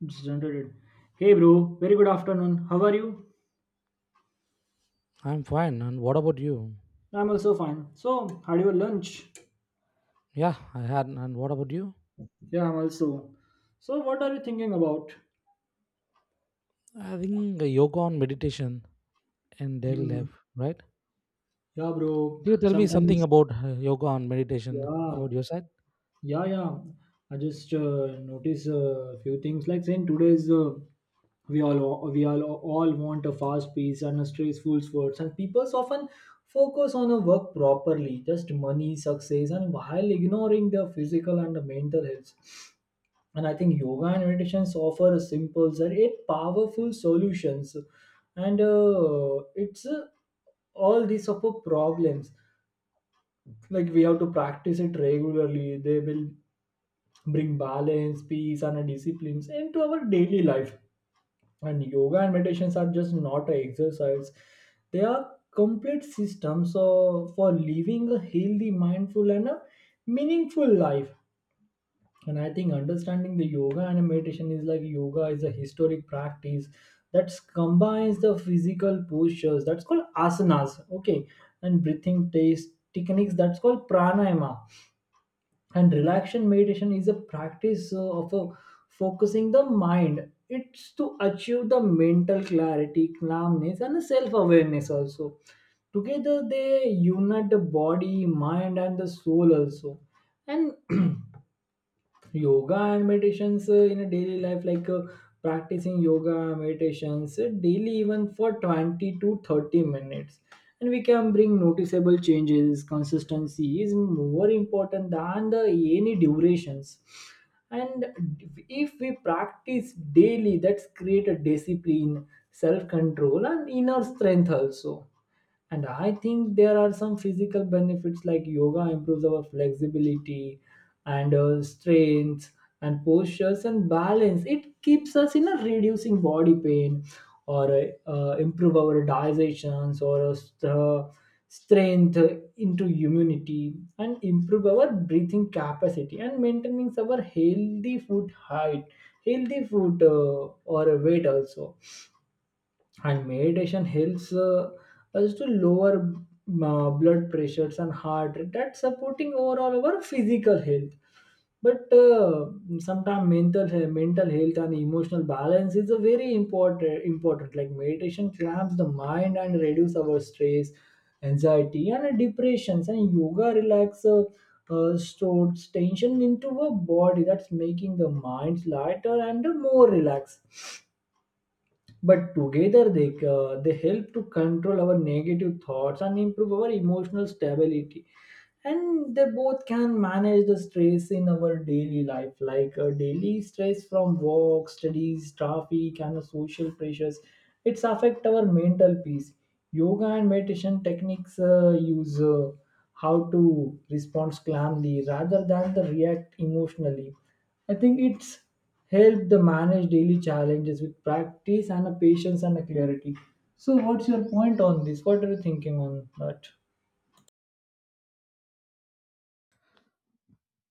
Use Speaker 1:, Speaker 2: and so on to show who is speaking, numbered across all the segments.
Speaker 1: Represented. Hey bro, very good afternoon. How are you?
Speaker 2: I'm fine. And what about you?
Speaker 1: I'm also fine. So, had your lunch?
Speaker 2: Yeah, I had. And what about you?
Speaker 1: Yeah, I'm also. So, what are you thinking about?
Speaker 2: I think yoga and meditation in daily
Speaker 1: Hmm.
Speaker 2: life, right?
Speaker 1: Yeah, bro.
Speaker 2: Do you tell me something
Speaker 1: Sometimes,
Speaker 2: about yoga and meditation
Speaker 1: yeah,
Speaker 2: about your side?
Speaker 1: yeah. I just notice a few things. Like saying today's we all we all want a fast pace and a stressful sports, and people often focus on a work properly, just money, success, and while ignoring their physical and the mental health. And I think yoga and meditations offer a simple and eight powerful solutions and it's all these of our problems, like we have to practice it regularly. They will bring balance peace and disciplines into our daily life, and yoga and meditations are just not a exercise. They are complete systems for living a healthy mindful and a meaningful life. And I think understanding the yoga and meditation is like yoga is a historic practice that combines the physical postures that's called asanas, okay, and breathing taste techniques that's called pranayama and relaxation. Meditation is a practice of focusing the mind. It's to achieve the mental clarity calmness and self awareness also. Together they unite the body mind and the soul also. And yoga and meditations in a daily life, like practicing yoga meditations daily even for 20 to 30 minutes, and we can bring noticeable changes. Consistency is more important than the any durations. And if we practice daily, that's create a discipline, self control and inner strength also. And I think there are some physical benefits like yoga improves our flexibility and strength and postures and balance. It keeps us in a reducing body pain or improve our digestions or strength into immunity and improve our breathing capacity and maintaining our healthy food height, healthy food or weight also. And meditation helps us to lower blood pressures and heart rate, that's supporting overall our physical health. But sometimes mental health and emotional balance is a very important, like meditation clamps the mind and reduce our stress anxiety and depressions, and yoga relax stores tension into our body, that's making the mind lighter and more relaxed. But together they help to control our negative thoughts and improve our emotional stability, and they both can manage the stress in our daily life, like daily stress from work studies traffic and the social pressures. It's affect our mental peace. Yoga and meditation techniques use how to respond calmly rather than the react emotionally. I think it's help the manage daily challenges with practice and a patience and a clarity. So what's your point on this? What are you thinking on that?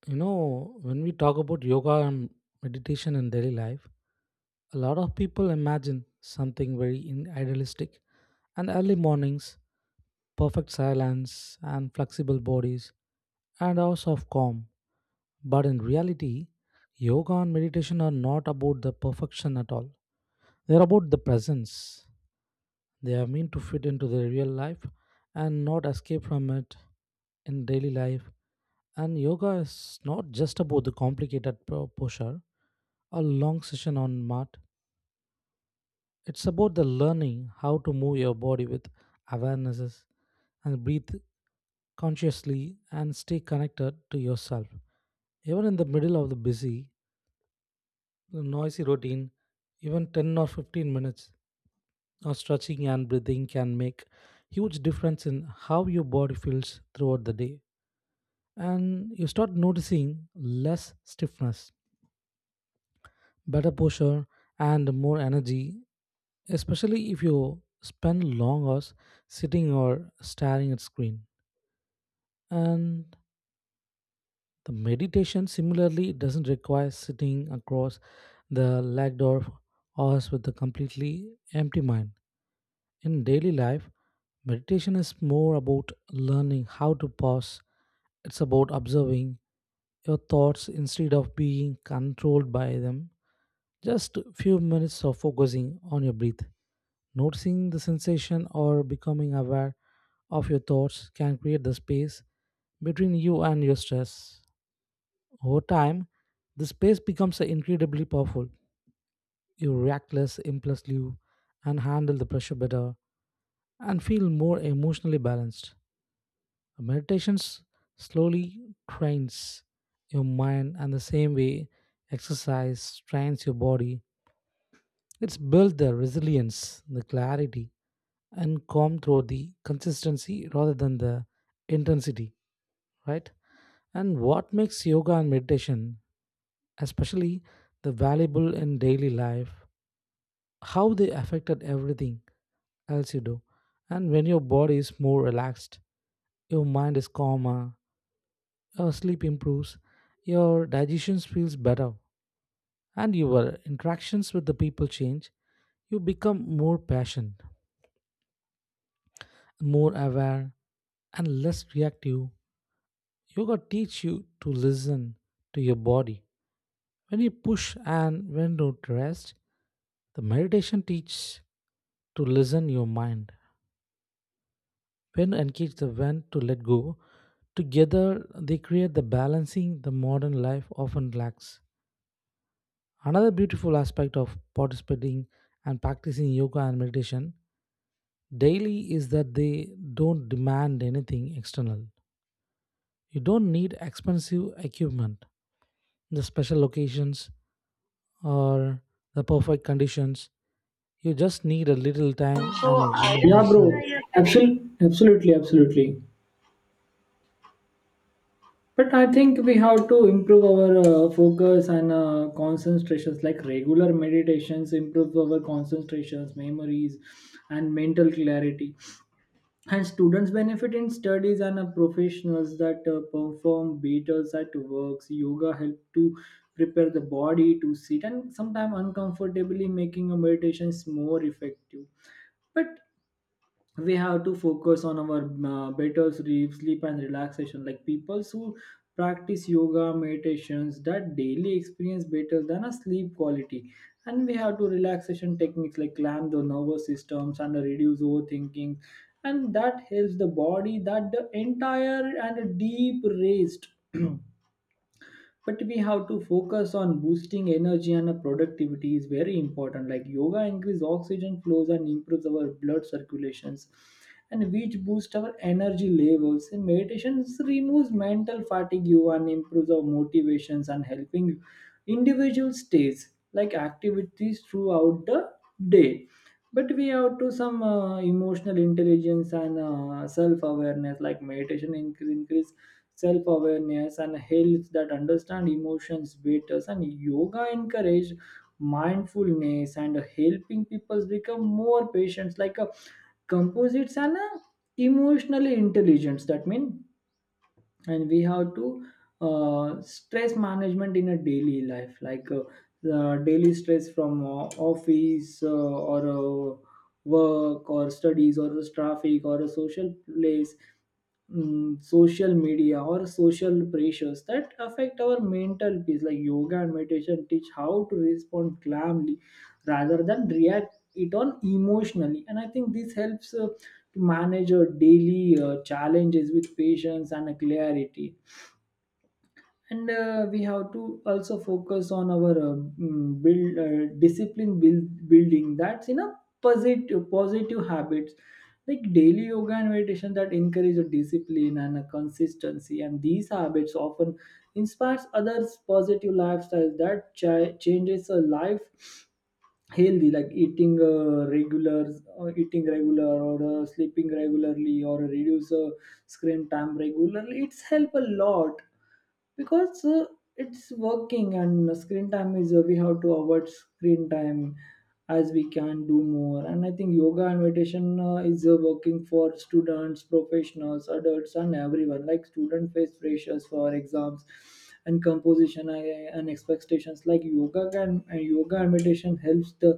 Speaker 2: You know, when we talk about yoga and meditation in daily life, a lot of people imagine something very idealistic and early mornings, perfect silence, and flexible bodies, and hours of calm. But in reality, yoga and meditation are not about the perfection at all. They're about the presence. They are meant to fit into the real life and not escape from it in daily life. And yoga is not just about the complicated posture or long session on mat. It's about the learning how to move your body with awarenesses and breathe consciously and stay connected to yourself. Even in the middle of the busy, noisy routine, even 10 or 15 minutes now, stretching and breathing can make huge difference in how your body feels throughout the day. And you start noticing less stiffness, better posture, and more energy, especially if you spend long hours sitting or staring at screen. And the meditation similarly doesn't require sitting across the leg door hours with a completely empty mind. In daily life, meditation is more about learning how to pause. It's about observing your thoughts instead of being controlled by them. Just few minutes of focusing on your breath, noticing the sensation or becoming aware of your thoughts can create the space between you and your stress. Over time, the space becomes incredibly powerful. You react less impulsively and handle the pressure better and feel more emotionally balanced. Meditations slowly trains your mind, and the same way exercise trains your body. It's built the resilience, the clarity, and calm through the consistency rather than the intensity, right? And what makes yoga and meditation especially the valuable in daily life, how they affected everything else you do. And when your body is more relaxed, your mind is calmer, your sleep improves, your digestion feels better, and your interactions with the people change. You become more patient, more aware, and less reactive. Yoga teaches you to listen to your body. When you push and when to rest, the meditation teaches to listen your mind. When to engage the when to let go, together they create the balancing the modern life often lacks. Another beautiful aspect of participating and practicing yoga and meditation daily is that they don't demand anything external. You don't need expensive equipment, the special locations, or the perfect conditions. You just need a little time
Speaker 1: So
Speaker 2: and
Speaker 1: I, yeah,
Speaker 2: willingness.
Speaker 1: bro. Absolutely, absolutely, absolutely. But I think we have to improve our focus and concentrations. Like regular meditations improves our concentrations, memories, and mental clarity. And students benefit in studies and professionals that perform better, at works. Yoga help to prepare the body to sit and sometimes uncomfortably, making a meditations more effective. But we have to focus on our better sleep and relaxation, like people who practice yoga meditations that daily experience better than a sleep quality. And we have to relaxation techniques like clamp the nervous systems and reduce overthinking, and that helps the body that the entire and a deep rest. But we have to focus on boosting energy and productivity is very important, like yoga increase oxygen flows and improves our blood circulations, and which boost our energy levels. And meditation removes mental fatigue and improves our motivations and helping individual stays like activities throughout the day. But we have to some emotional intelligence and self awareness, like meditation increase self awareness, and health that understand emotions better. And yoga encourage mindfulness and helping people become more patient, like a composites and a emotionally intelligence. That means, and we have to stress management in a daily life, like the daily stress from office or work or studies or traffic or a social place, mm, social media or social pressures that affect our mental peace, like yoga and meditation teach how to respond calmly rather than react it on emotionally. And I think this helps to manage our daily challenges with patience and clarity. And we have to also focus on our mm, build discipline building that's in a positive habits, like daily yoga and meditation that encourage a discipline and a consistency, and these habits often inspires others positive lifestyles that changes a life healthy, like eating regulars eating regular or sleeping regularly or reduce screen time regularly. It's help a lot because it's working and screen time is we have to avoid screen time as we can do more. And I think yoga and meditation is working for students professionals adults and everyone, like student face pressures for exams and composition and expectations, like yoga can, and yoga and meditation helps the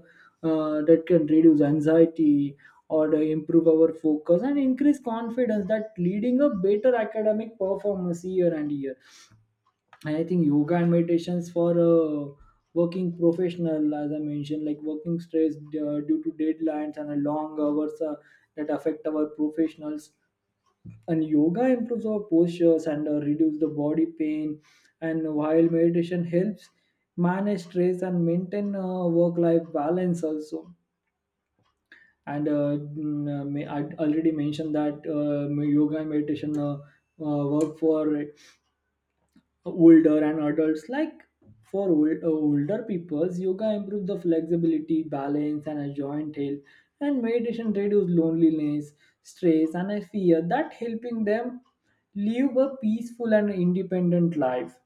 Speaker 1: that can reduce anxiety or to improve our focus and increase confidence, that leading a better academic performance year and year. And I think yoga and meditations for working professional, as I mentioned, like working stress due to deadlines and a long hours that affect our professionals. And yoga improves our postures and reduce the body pain, and while meditation helps manage stress and maintain work life balance also. And I already mentioned that yoga and meditation work for older and adults, like for older peoples yoga improved the flexibility balance and a joint health. And meditation reduced loneliness stress and a fear, that helping them live a peaceful and independent life.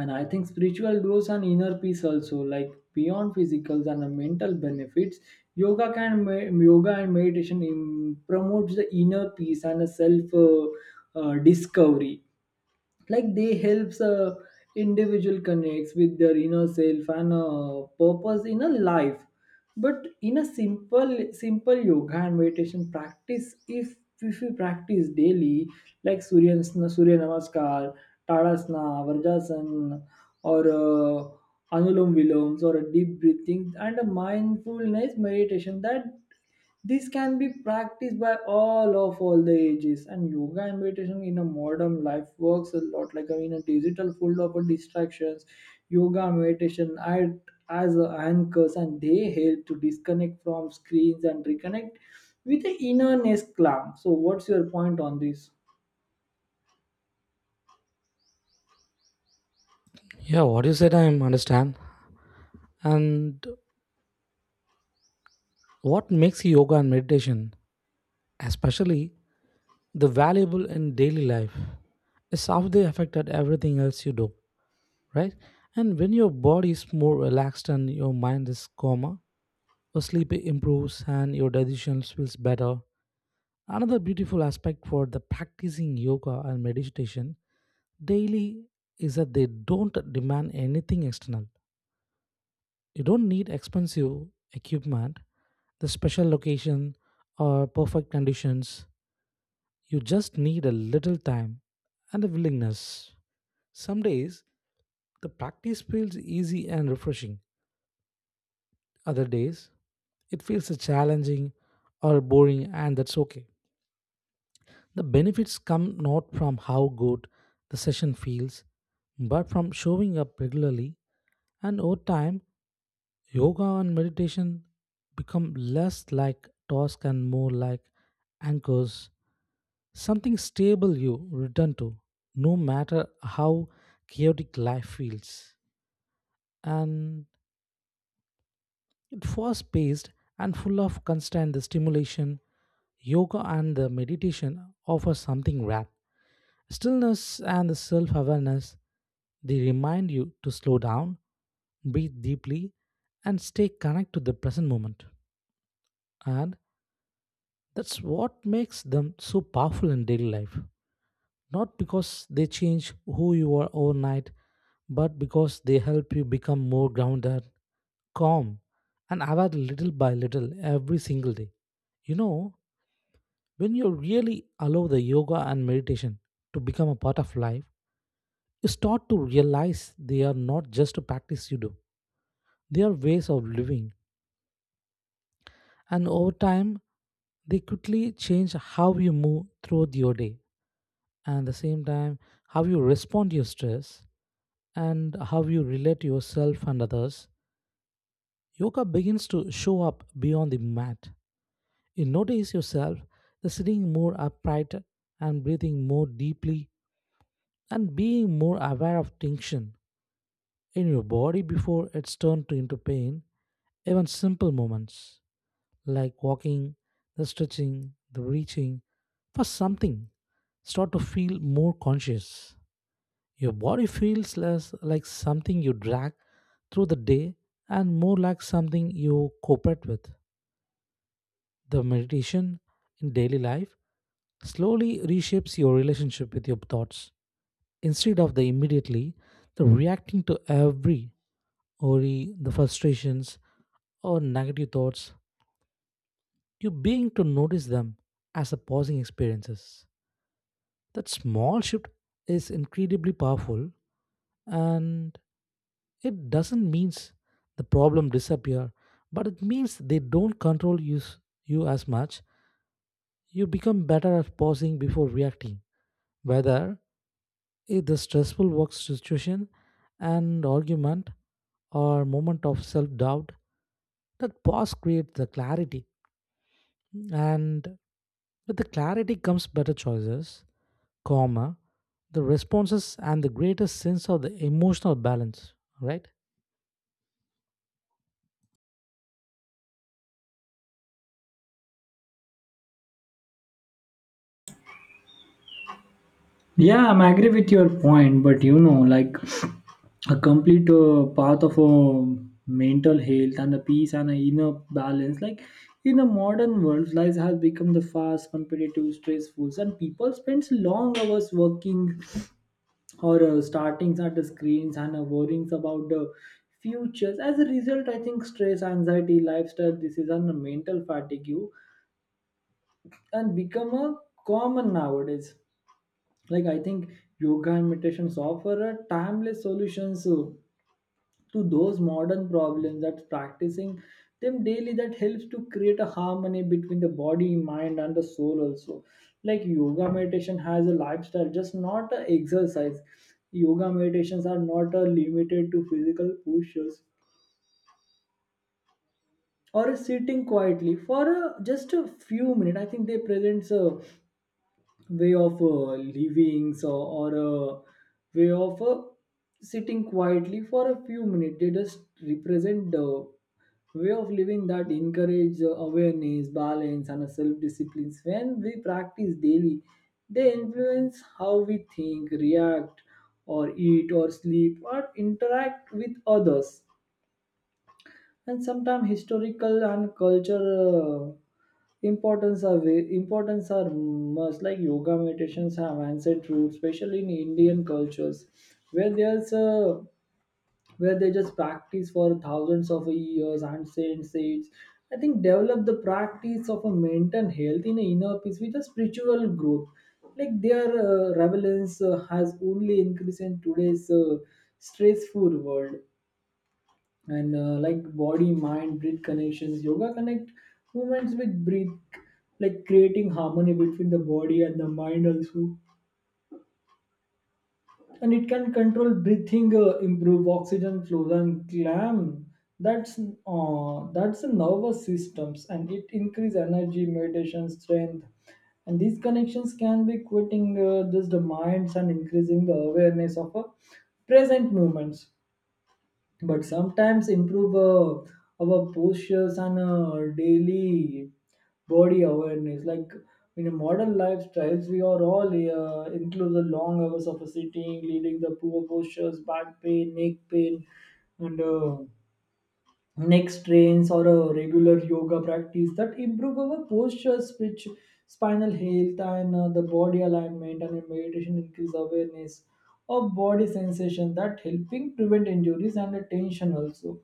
Speaker 1: And I think spiritual growth and inner peace also, like beyond physicals and the mental benefits, yoga and meditation in, promotes the inner peace and the self discovery, like they helps a individual connects with their inner self and purpose in a life. But in a simple simple yoga and meditation practice, if you practice daily, like surya namaskar, tadasana, vrajasana, or anulom viloms or a deep breathing and a mindfulness meditation, that this can be practiced by all of all the ages. And yoga and meditation in a modern life works a lot like a, in a digital full of distractions. Yoga, meditation act as a anchors, and they help to disconnect from screens and reconnect with the inner calm. So, what's your point on this?
Speaker 2: Yeah, what you said, I understand. And what makes yoga and meditation, especially the valuable in daily life, is how they affected everything else you do, right? And when your body is more relaxed and your mind is calmer, your sleep improves and your digestion feels better. Another beautiful aspect for the practicing yoga and meditation daily is that they don't demand anything external. You don't need expensive equipment, the special location, or perfect conditions. You just need a little time and a willingness. Some days, the practice feels easy and refreshing. Other days, it feels challenging or boring, and that's okay. The benefits come not from how good the session feels, but from showing up regularly. And over time, yoga and meditation become less like tasks and more like anchors, something stable you return to, no matter how chaotic life feels. And it was paced and full of constant stimulation. Yoga and the meditation offer something rare. Stillness and the self-awareness, they remind you to slow down, breathe deeply, and stay connected to the present moment. And that's what makes them so powerful in daily life. Not because they change who you are overnight, but because they help you become more grounded, calm, and aware little by little every single day. You know, when you really allow the yoga and meditation to become a part of life, you start to realize they are not just a practice you do, they are ways of living. And over time, they quickly change how you move through your day. And at the same time, how you respond to your stress and how you relate to yourself and others. Yoga begins to show up beyond the mat. You notice yourself sitting more upright and breathing more deeply and being more aware of tension in your body before it's turned into pain. Even simple moments like walking, the stretching, the reaching for something start to feel more conscious. Your body feels less like something you drag through the day and more like something you cooperate with. The meditation in daily life slowly reshapes your relationship with your thoughts instead of the immediately the reacting to every worry, the frustrations or negative thoughts. You begin to notice them as a pausing experiences. That small shift is incredibly powerful, and it doesn't means the problem disappear, but it means they don't control you as much. You become better at pausing before reacting, whether if the stressful work situation and argument or moment of self-doubt, that pause creates the clarity. And with the clarity comes better choices, calmer, the responses and the greater sense of the emotional balance, right?
Speaker 1: Yeah, I'm agree with your point, but you know, like a complete path of mental health and the peace and a inner balance, like in the modern world, life has become the fast, competitive, stressful, and people spends long hours working or starting at the screens and worrying about the futures. As a result, I think stress, anxiety, lifestyle, this is a mental fatigue, and become a common nowadays. Like I think yoga and meditations offer a timeless solutions to those modern problems, that practicing them daily that helps to create a harmony between the body mind and the soul also. Like yoga meditation has a lifestyle just not a exercise. Yoga meditations are not limited to physical postures or sitting quietly for just a few minutes. I think they presents a way of living so, or a way of sitting quietly for a few minutes, they just represent the way of living that encourage awareness balance and self discipline. When we practice daily, they influence how we think react or eat or sleep or interact with others. And sometimes historical and cultural importance are must, like yoga meditations have ancient roots, especially in Indian cultures, where there's a where they just practice for thousands of years. Ancient sage, I think, develop the practice of a mental health in a inner peace with a spiritual growth. Like their relevance has only increased in today's stressful world. And like body mind breath connections, yoga connect movements with breath, like creating harmony between the body and the mind also. And it can control breathing improve oxygen flow and clam that's the nervous systems, and it increase energy meditation strength. And these connections can be quitting just the minds and increasing the awareness of a present moments. But sometimes improve our postures and daily body awareness, like in a modern lifestyles, we are all include the long hours of sitting leading the poor postures back pain neck pain and neck strains or a regular yoga practice that improve our posture, speech, spinal health, and The body alignment. And in meditation, increase awareness of body sensation that helping prevent injuries and tension also.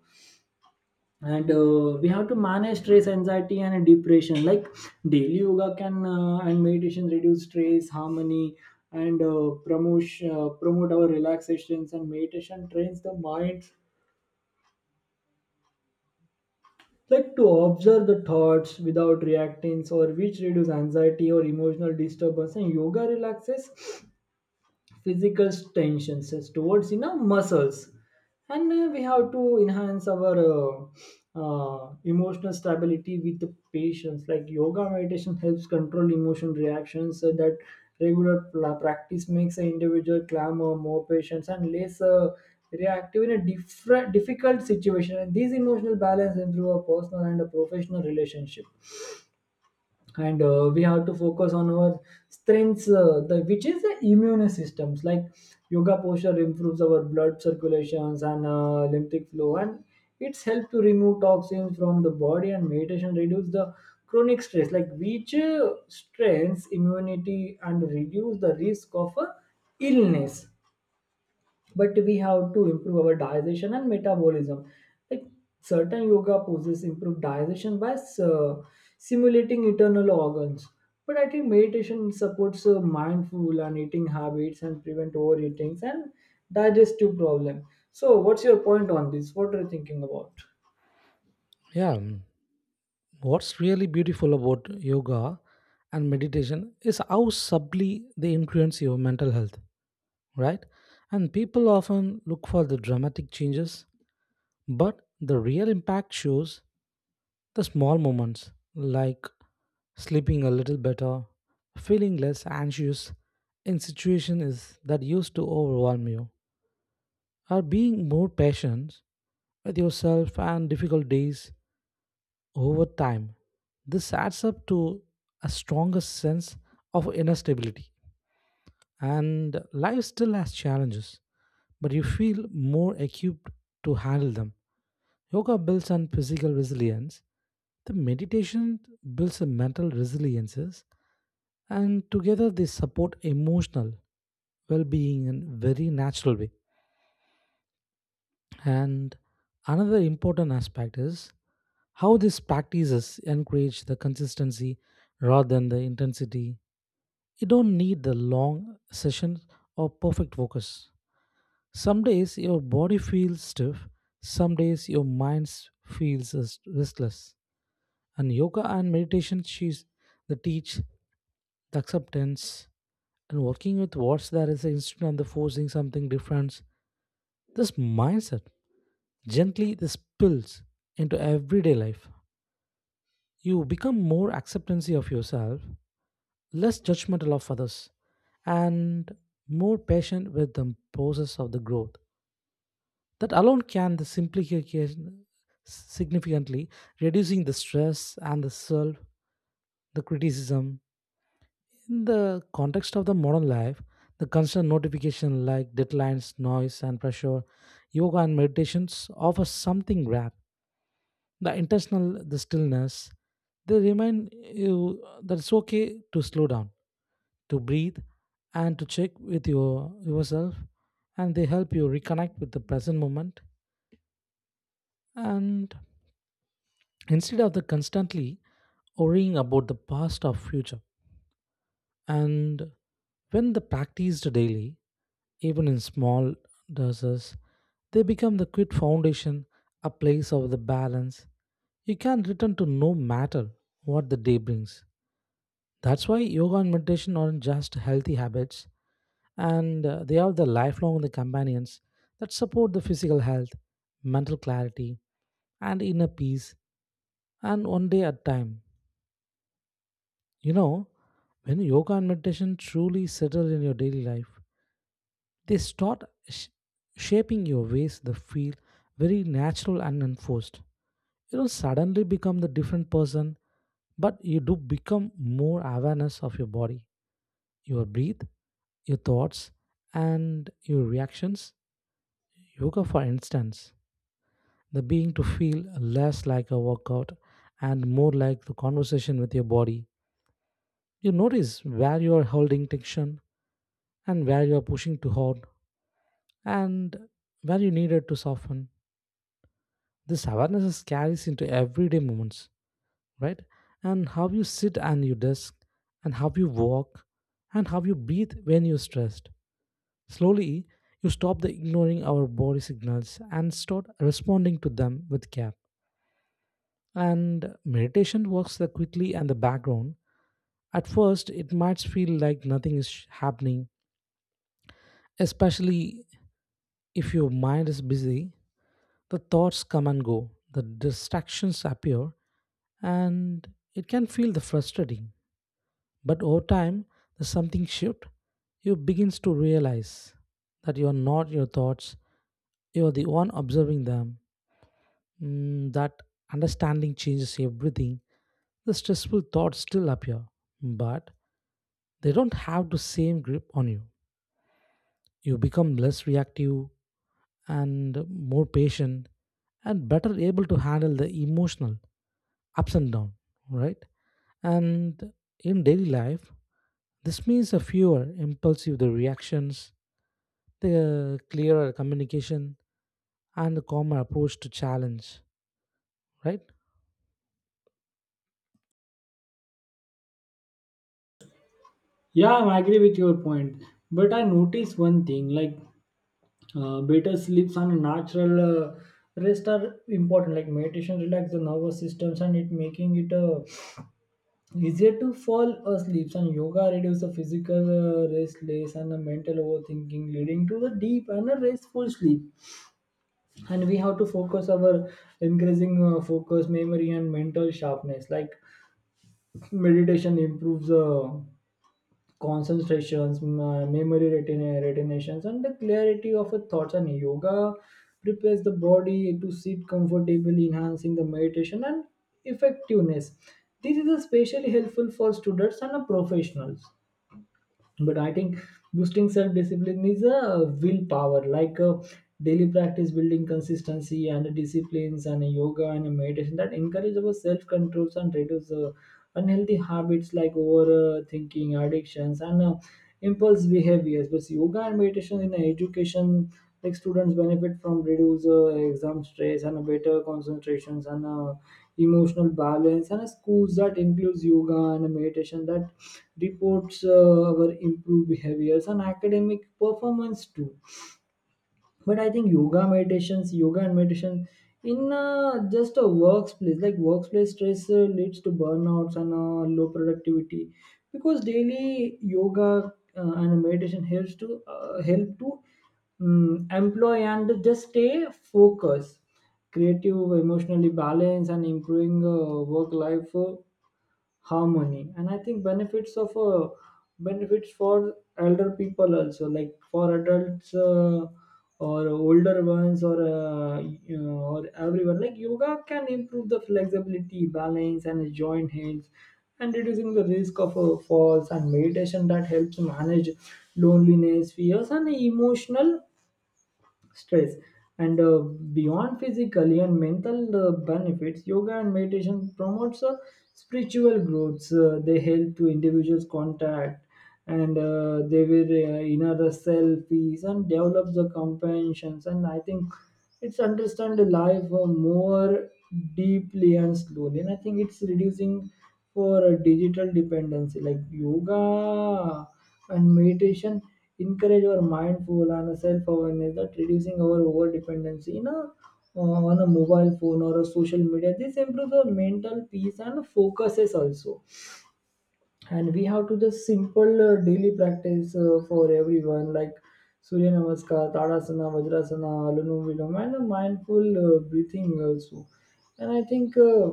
Speaker 1: And We have to manage stress, anxiety, and depression. Like daily yoga can and meditation reduce stress, harmony, and promote our relaxations. And meditation trains the mind like to observe the thoughts without reacting or which reduce anxiety or emotional disturbance, and yoga relaxes physical tensions towards in our muscles, and we have to enhance our emotional stability with the patience. Like yoga meditation helps control emotion reactions so that regular practice makes an individual calmer, more patience, and less reactive in a different difficult situation, and these emotional balance improve a personal and a professional relationship. And we have to focus on our strengths which is the immune systems. Like yoga posture improves our blood circulations and lymphatic flow, and it's help to remove toxins from the body, and meditation reduce the chronic stress, like which strengths immunity and reduce the risk of illness. But we have to improve our digestion and metabolism. Like certain yoga poses improve digestion by uh, simulating internal organs. But I think meditation supports mindful and eating habits and prevent overeating and digestive problem. So, what's your point on this? What are you thinking about?
Speaker 2: Yeah. Mm. What's really beautiful about yoga and meditation is how subtly they influence your mental health, right? And people often look for the dramatic changes. But the real impact shows the small moments like sleeping a little better, feeling less anxious in situations that used to overwhelm you, or being more patient with yourself and difficult days over time. This adds up to a stronger sense of inner stability. And life still has challenges, but you feel more equipped to handle them. Yoga builds on physical resilience, the meditation builds on mental resiliences, and together they support emotional well being in a very natural way. And another important aspect is how these practices encourage the consistency rather than the intensity. You don't need the long sessions or perfect focus. Some days your body feels stiff, some days your mind feels restless. And yoga and meditation she's the teach the acceptance and working with what's there is instead of the forcing something different. This mindset gently this spills into everyday life. You become more acceptancy of yourself, less judgmental of others, and more patient with the process of the growth. That alone can the simplification significantly reducing the stress and the self, the criticism. In the context of the modern life, the constant notification like deadlines, noise, and pressure, yoga and meditations offer something rare. The intentional, the stillness, they remind you that it's okay to slow down, to breathe, and to check with your yourself, and they help you reconnect with the present moment and instead of the constantly worrying about the past or future. And when the practiced daily, even in small doses, they become the quick foundation, a place of the balance you can return to no matter what the day brings. That's why yoga and meditation aren't just healthy habits, and they are the lifelong the companions that support the physical health, mental clarity, and inner peace, and one day at a time. You know, when yoga and meditation truly settle in your daily life, they start sh- shaping your ways that feel very natural and unforced. You don't suddenly become the different person, but you do become more awareness of your body, your breath, your thoughts, and your reactions. Yoga, for instance, the being to feel less like a workout and more like the conversation with your body. You notice where you are holding tension and where you are pushing too hard and where you needed to soften. This awareness is carries into everyday moments, right? And how you sit and your desk, and how you walk, and how you breathe when you're stressed. Slowly, you stop the ignoring our body signals and start responding to them with care. And meditation works the quickly and the background. At first, it might feel like nothing is happening, especially if your mind is busy. The thoughts come and go, the distractions appear, and it can feel the frustrating. But over time, there's something shift. You begins to realize that you are not your thoughts. You are the one observing them. That understanding changes everything. The stressful thoughts still appear, but they don't have the same grip on you. You become less reactive and more patient and better able to handle the emotional ups and down, right? And in daily life, this means a fewer impulsive the reactions, the clearer communication, and the calmer approach to challenge, right?
Speaker 1: Yeah, I agree with your point. But I noticed one thing, like better sleeps and natural uh, rest are important. Like meditation relax the nervous systems, and it making it a easier to fall asleep, and yoga reduces the physical restless and the mental overthinking leading to the deep and a restful sleep. And we have to focus our increasing focus, memory, and mental sharpness. Like meditation improves concentrations, memory retinations, and the clarity of a thoughts, and yoga prepares the body to sit comfortably, enhancing the meditation and effectiveness. This is especially helpful for students and professionals. But I think boosting self discipline is a willpower, like a daily practice building consistency and disciplines, and yoga and meditation that encourage our self controls and reduce unhealthy habits like overthinking, addictions, and impulse behaviors. But yoga and meditation in education, like students benefit from reduced exam stress and a better concentrations and emotional balance, and a schools that includes yoga and a meditation that reports our improved behaviors and academic performance too. But I think yoga and meditation in just a workplace, like workplace stress leads to burnouts and low productivity, because daily yoga and meditation help to employ and just stay focused, creative, emotionally balanced, and improving work life harmony. And I think benefits for elder people also, like for adults or older ones, or you know, or everyone. Like yoga can improve the flexibility, balance, and joint health and reducing the risk of falls, and meditation that helps manage loneliness, fears, and emotional stress. And beyond physical and mental benefits, yoga and meditation promotes spiritual growth. They help to individuals contact and they will inner self peace and develop the compassions. And I think it's understand the life more deeply and slowly. And I think it's reducing for digital dependency, like yoga and meditation encourage our mindful and self-awareness that reducing our over dependency in a, on a mobile phone or a social media. This improves our mental peace and focuses also. And we have to just simple daily practice for everyone, like Surya Namaskar, Tadasana, Vajrasana, Alunum Vilom, and a mindful breathing also. And I think.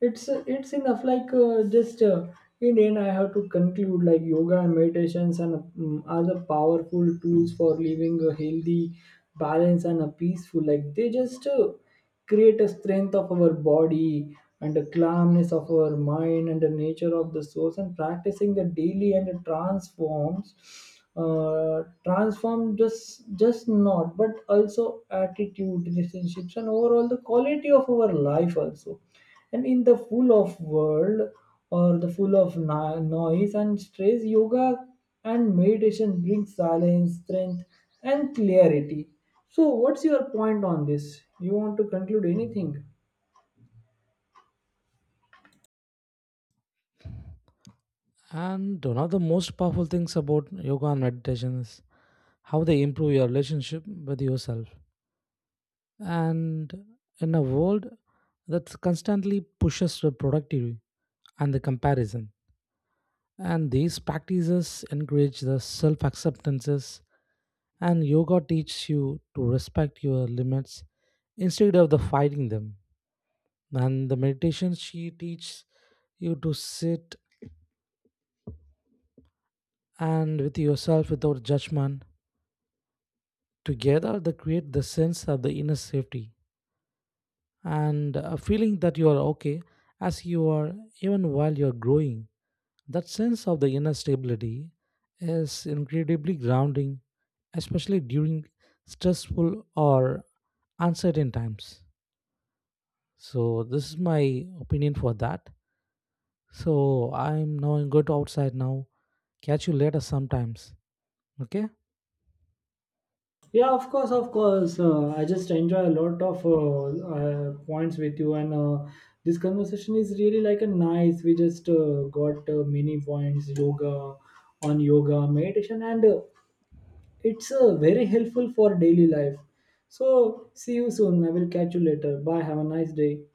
Speaker 1: It's enough, like just in end I have to conclude, like yoga and meditations and are the powerful tools for living a healthy balance and a peaceful, like they just create a strength of our body and a calmness of our mind and the nature of the source, and practicing the daily, and it transform just not but also attitude, relationships, and overall the quality of our life also. And in the full of world or the full of noise and stress, yoga and meditation bring silence, strength, and clarity. So what's your point on this? You want to conclude anything?
Speaker 2: And one of the most powerful things about yoga and meditation is how they improve your relationship with yourself. And in a world that constantly pushes the productivity and the comparison, and these practices encourage the self acceptances. And yoga teaches you to respect your limits instead of the fighting them. And the meditation she teaches you to sit and with yourself without judgment. Together they create the sense of the inner safety and a feeling that you are okay as you are even while you're growing. That sense of the inner stability is incredibly grounding, especially during stressful or uncertain times. So this is my opinion for that. So I'm now going to outside now. Catch you later sometimes. Okay.
Speaker 1: Yeah, of course, of course. I just enjoy a lot of points with you, and this conversation is really like a nice. We just got many points yoga on yoga meditation and it's very helpful for daily life. So, see you soon. I will catch you later. Bye. Have a nice day.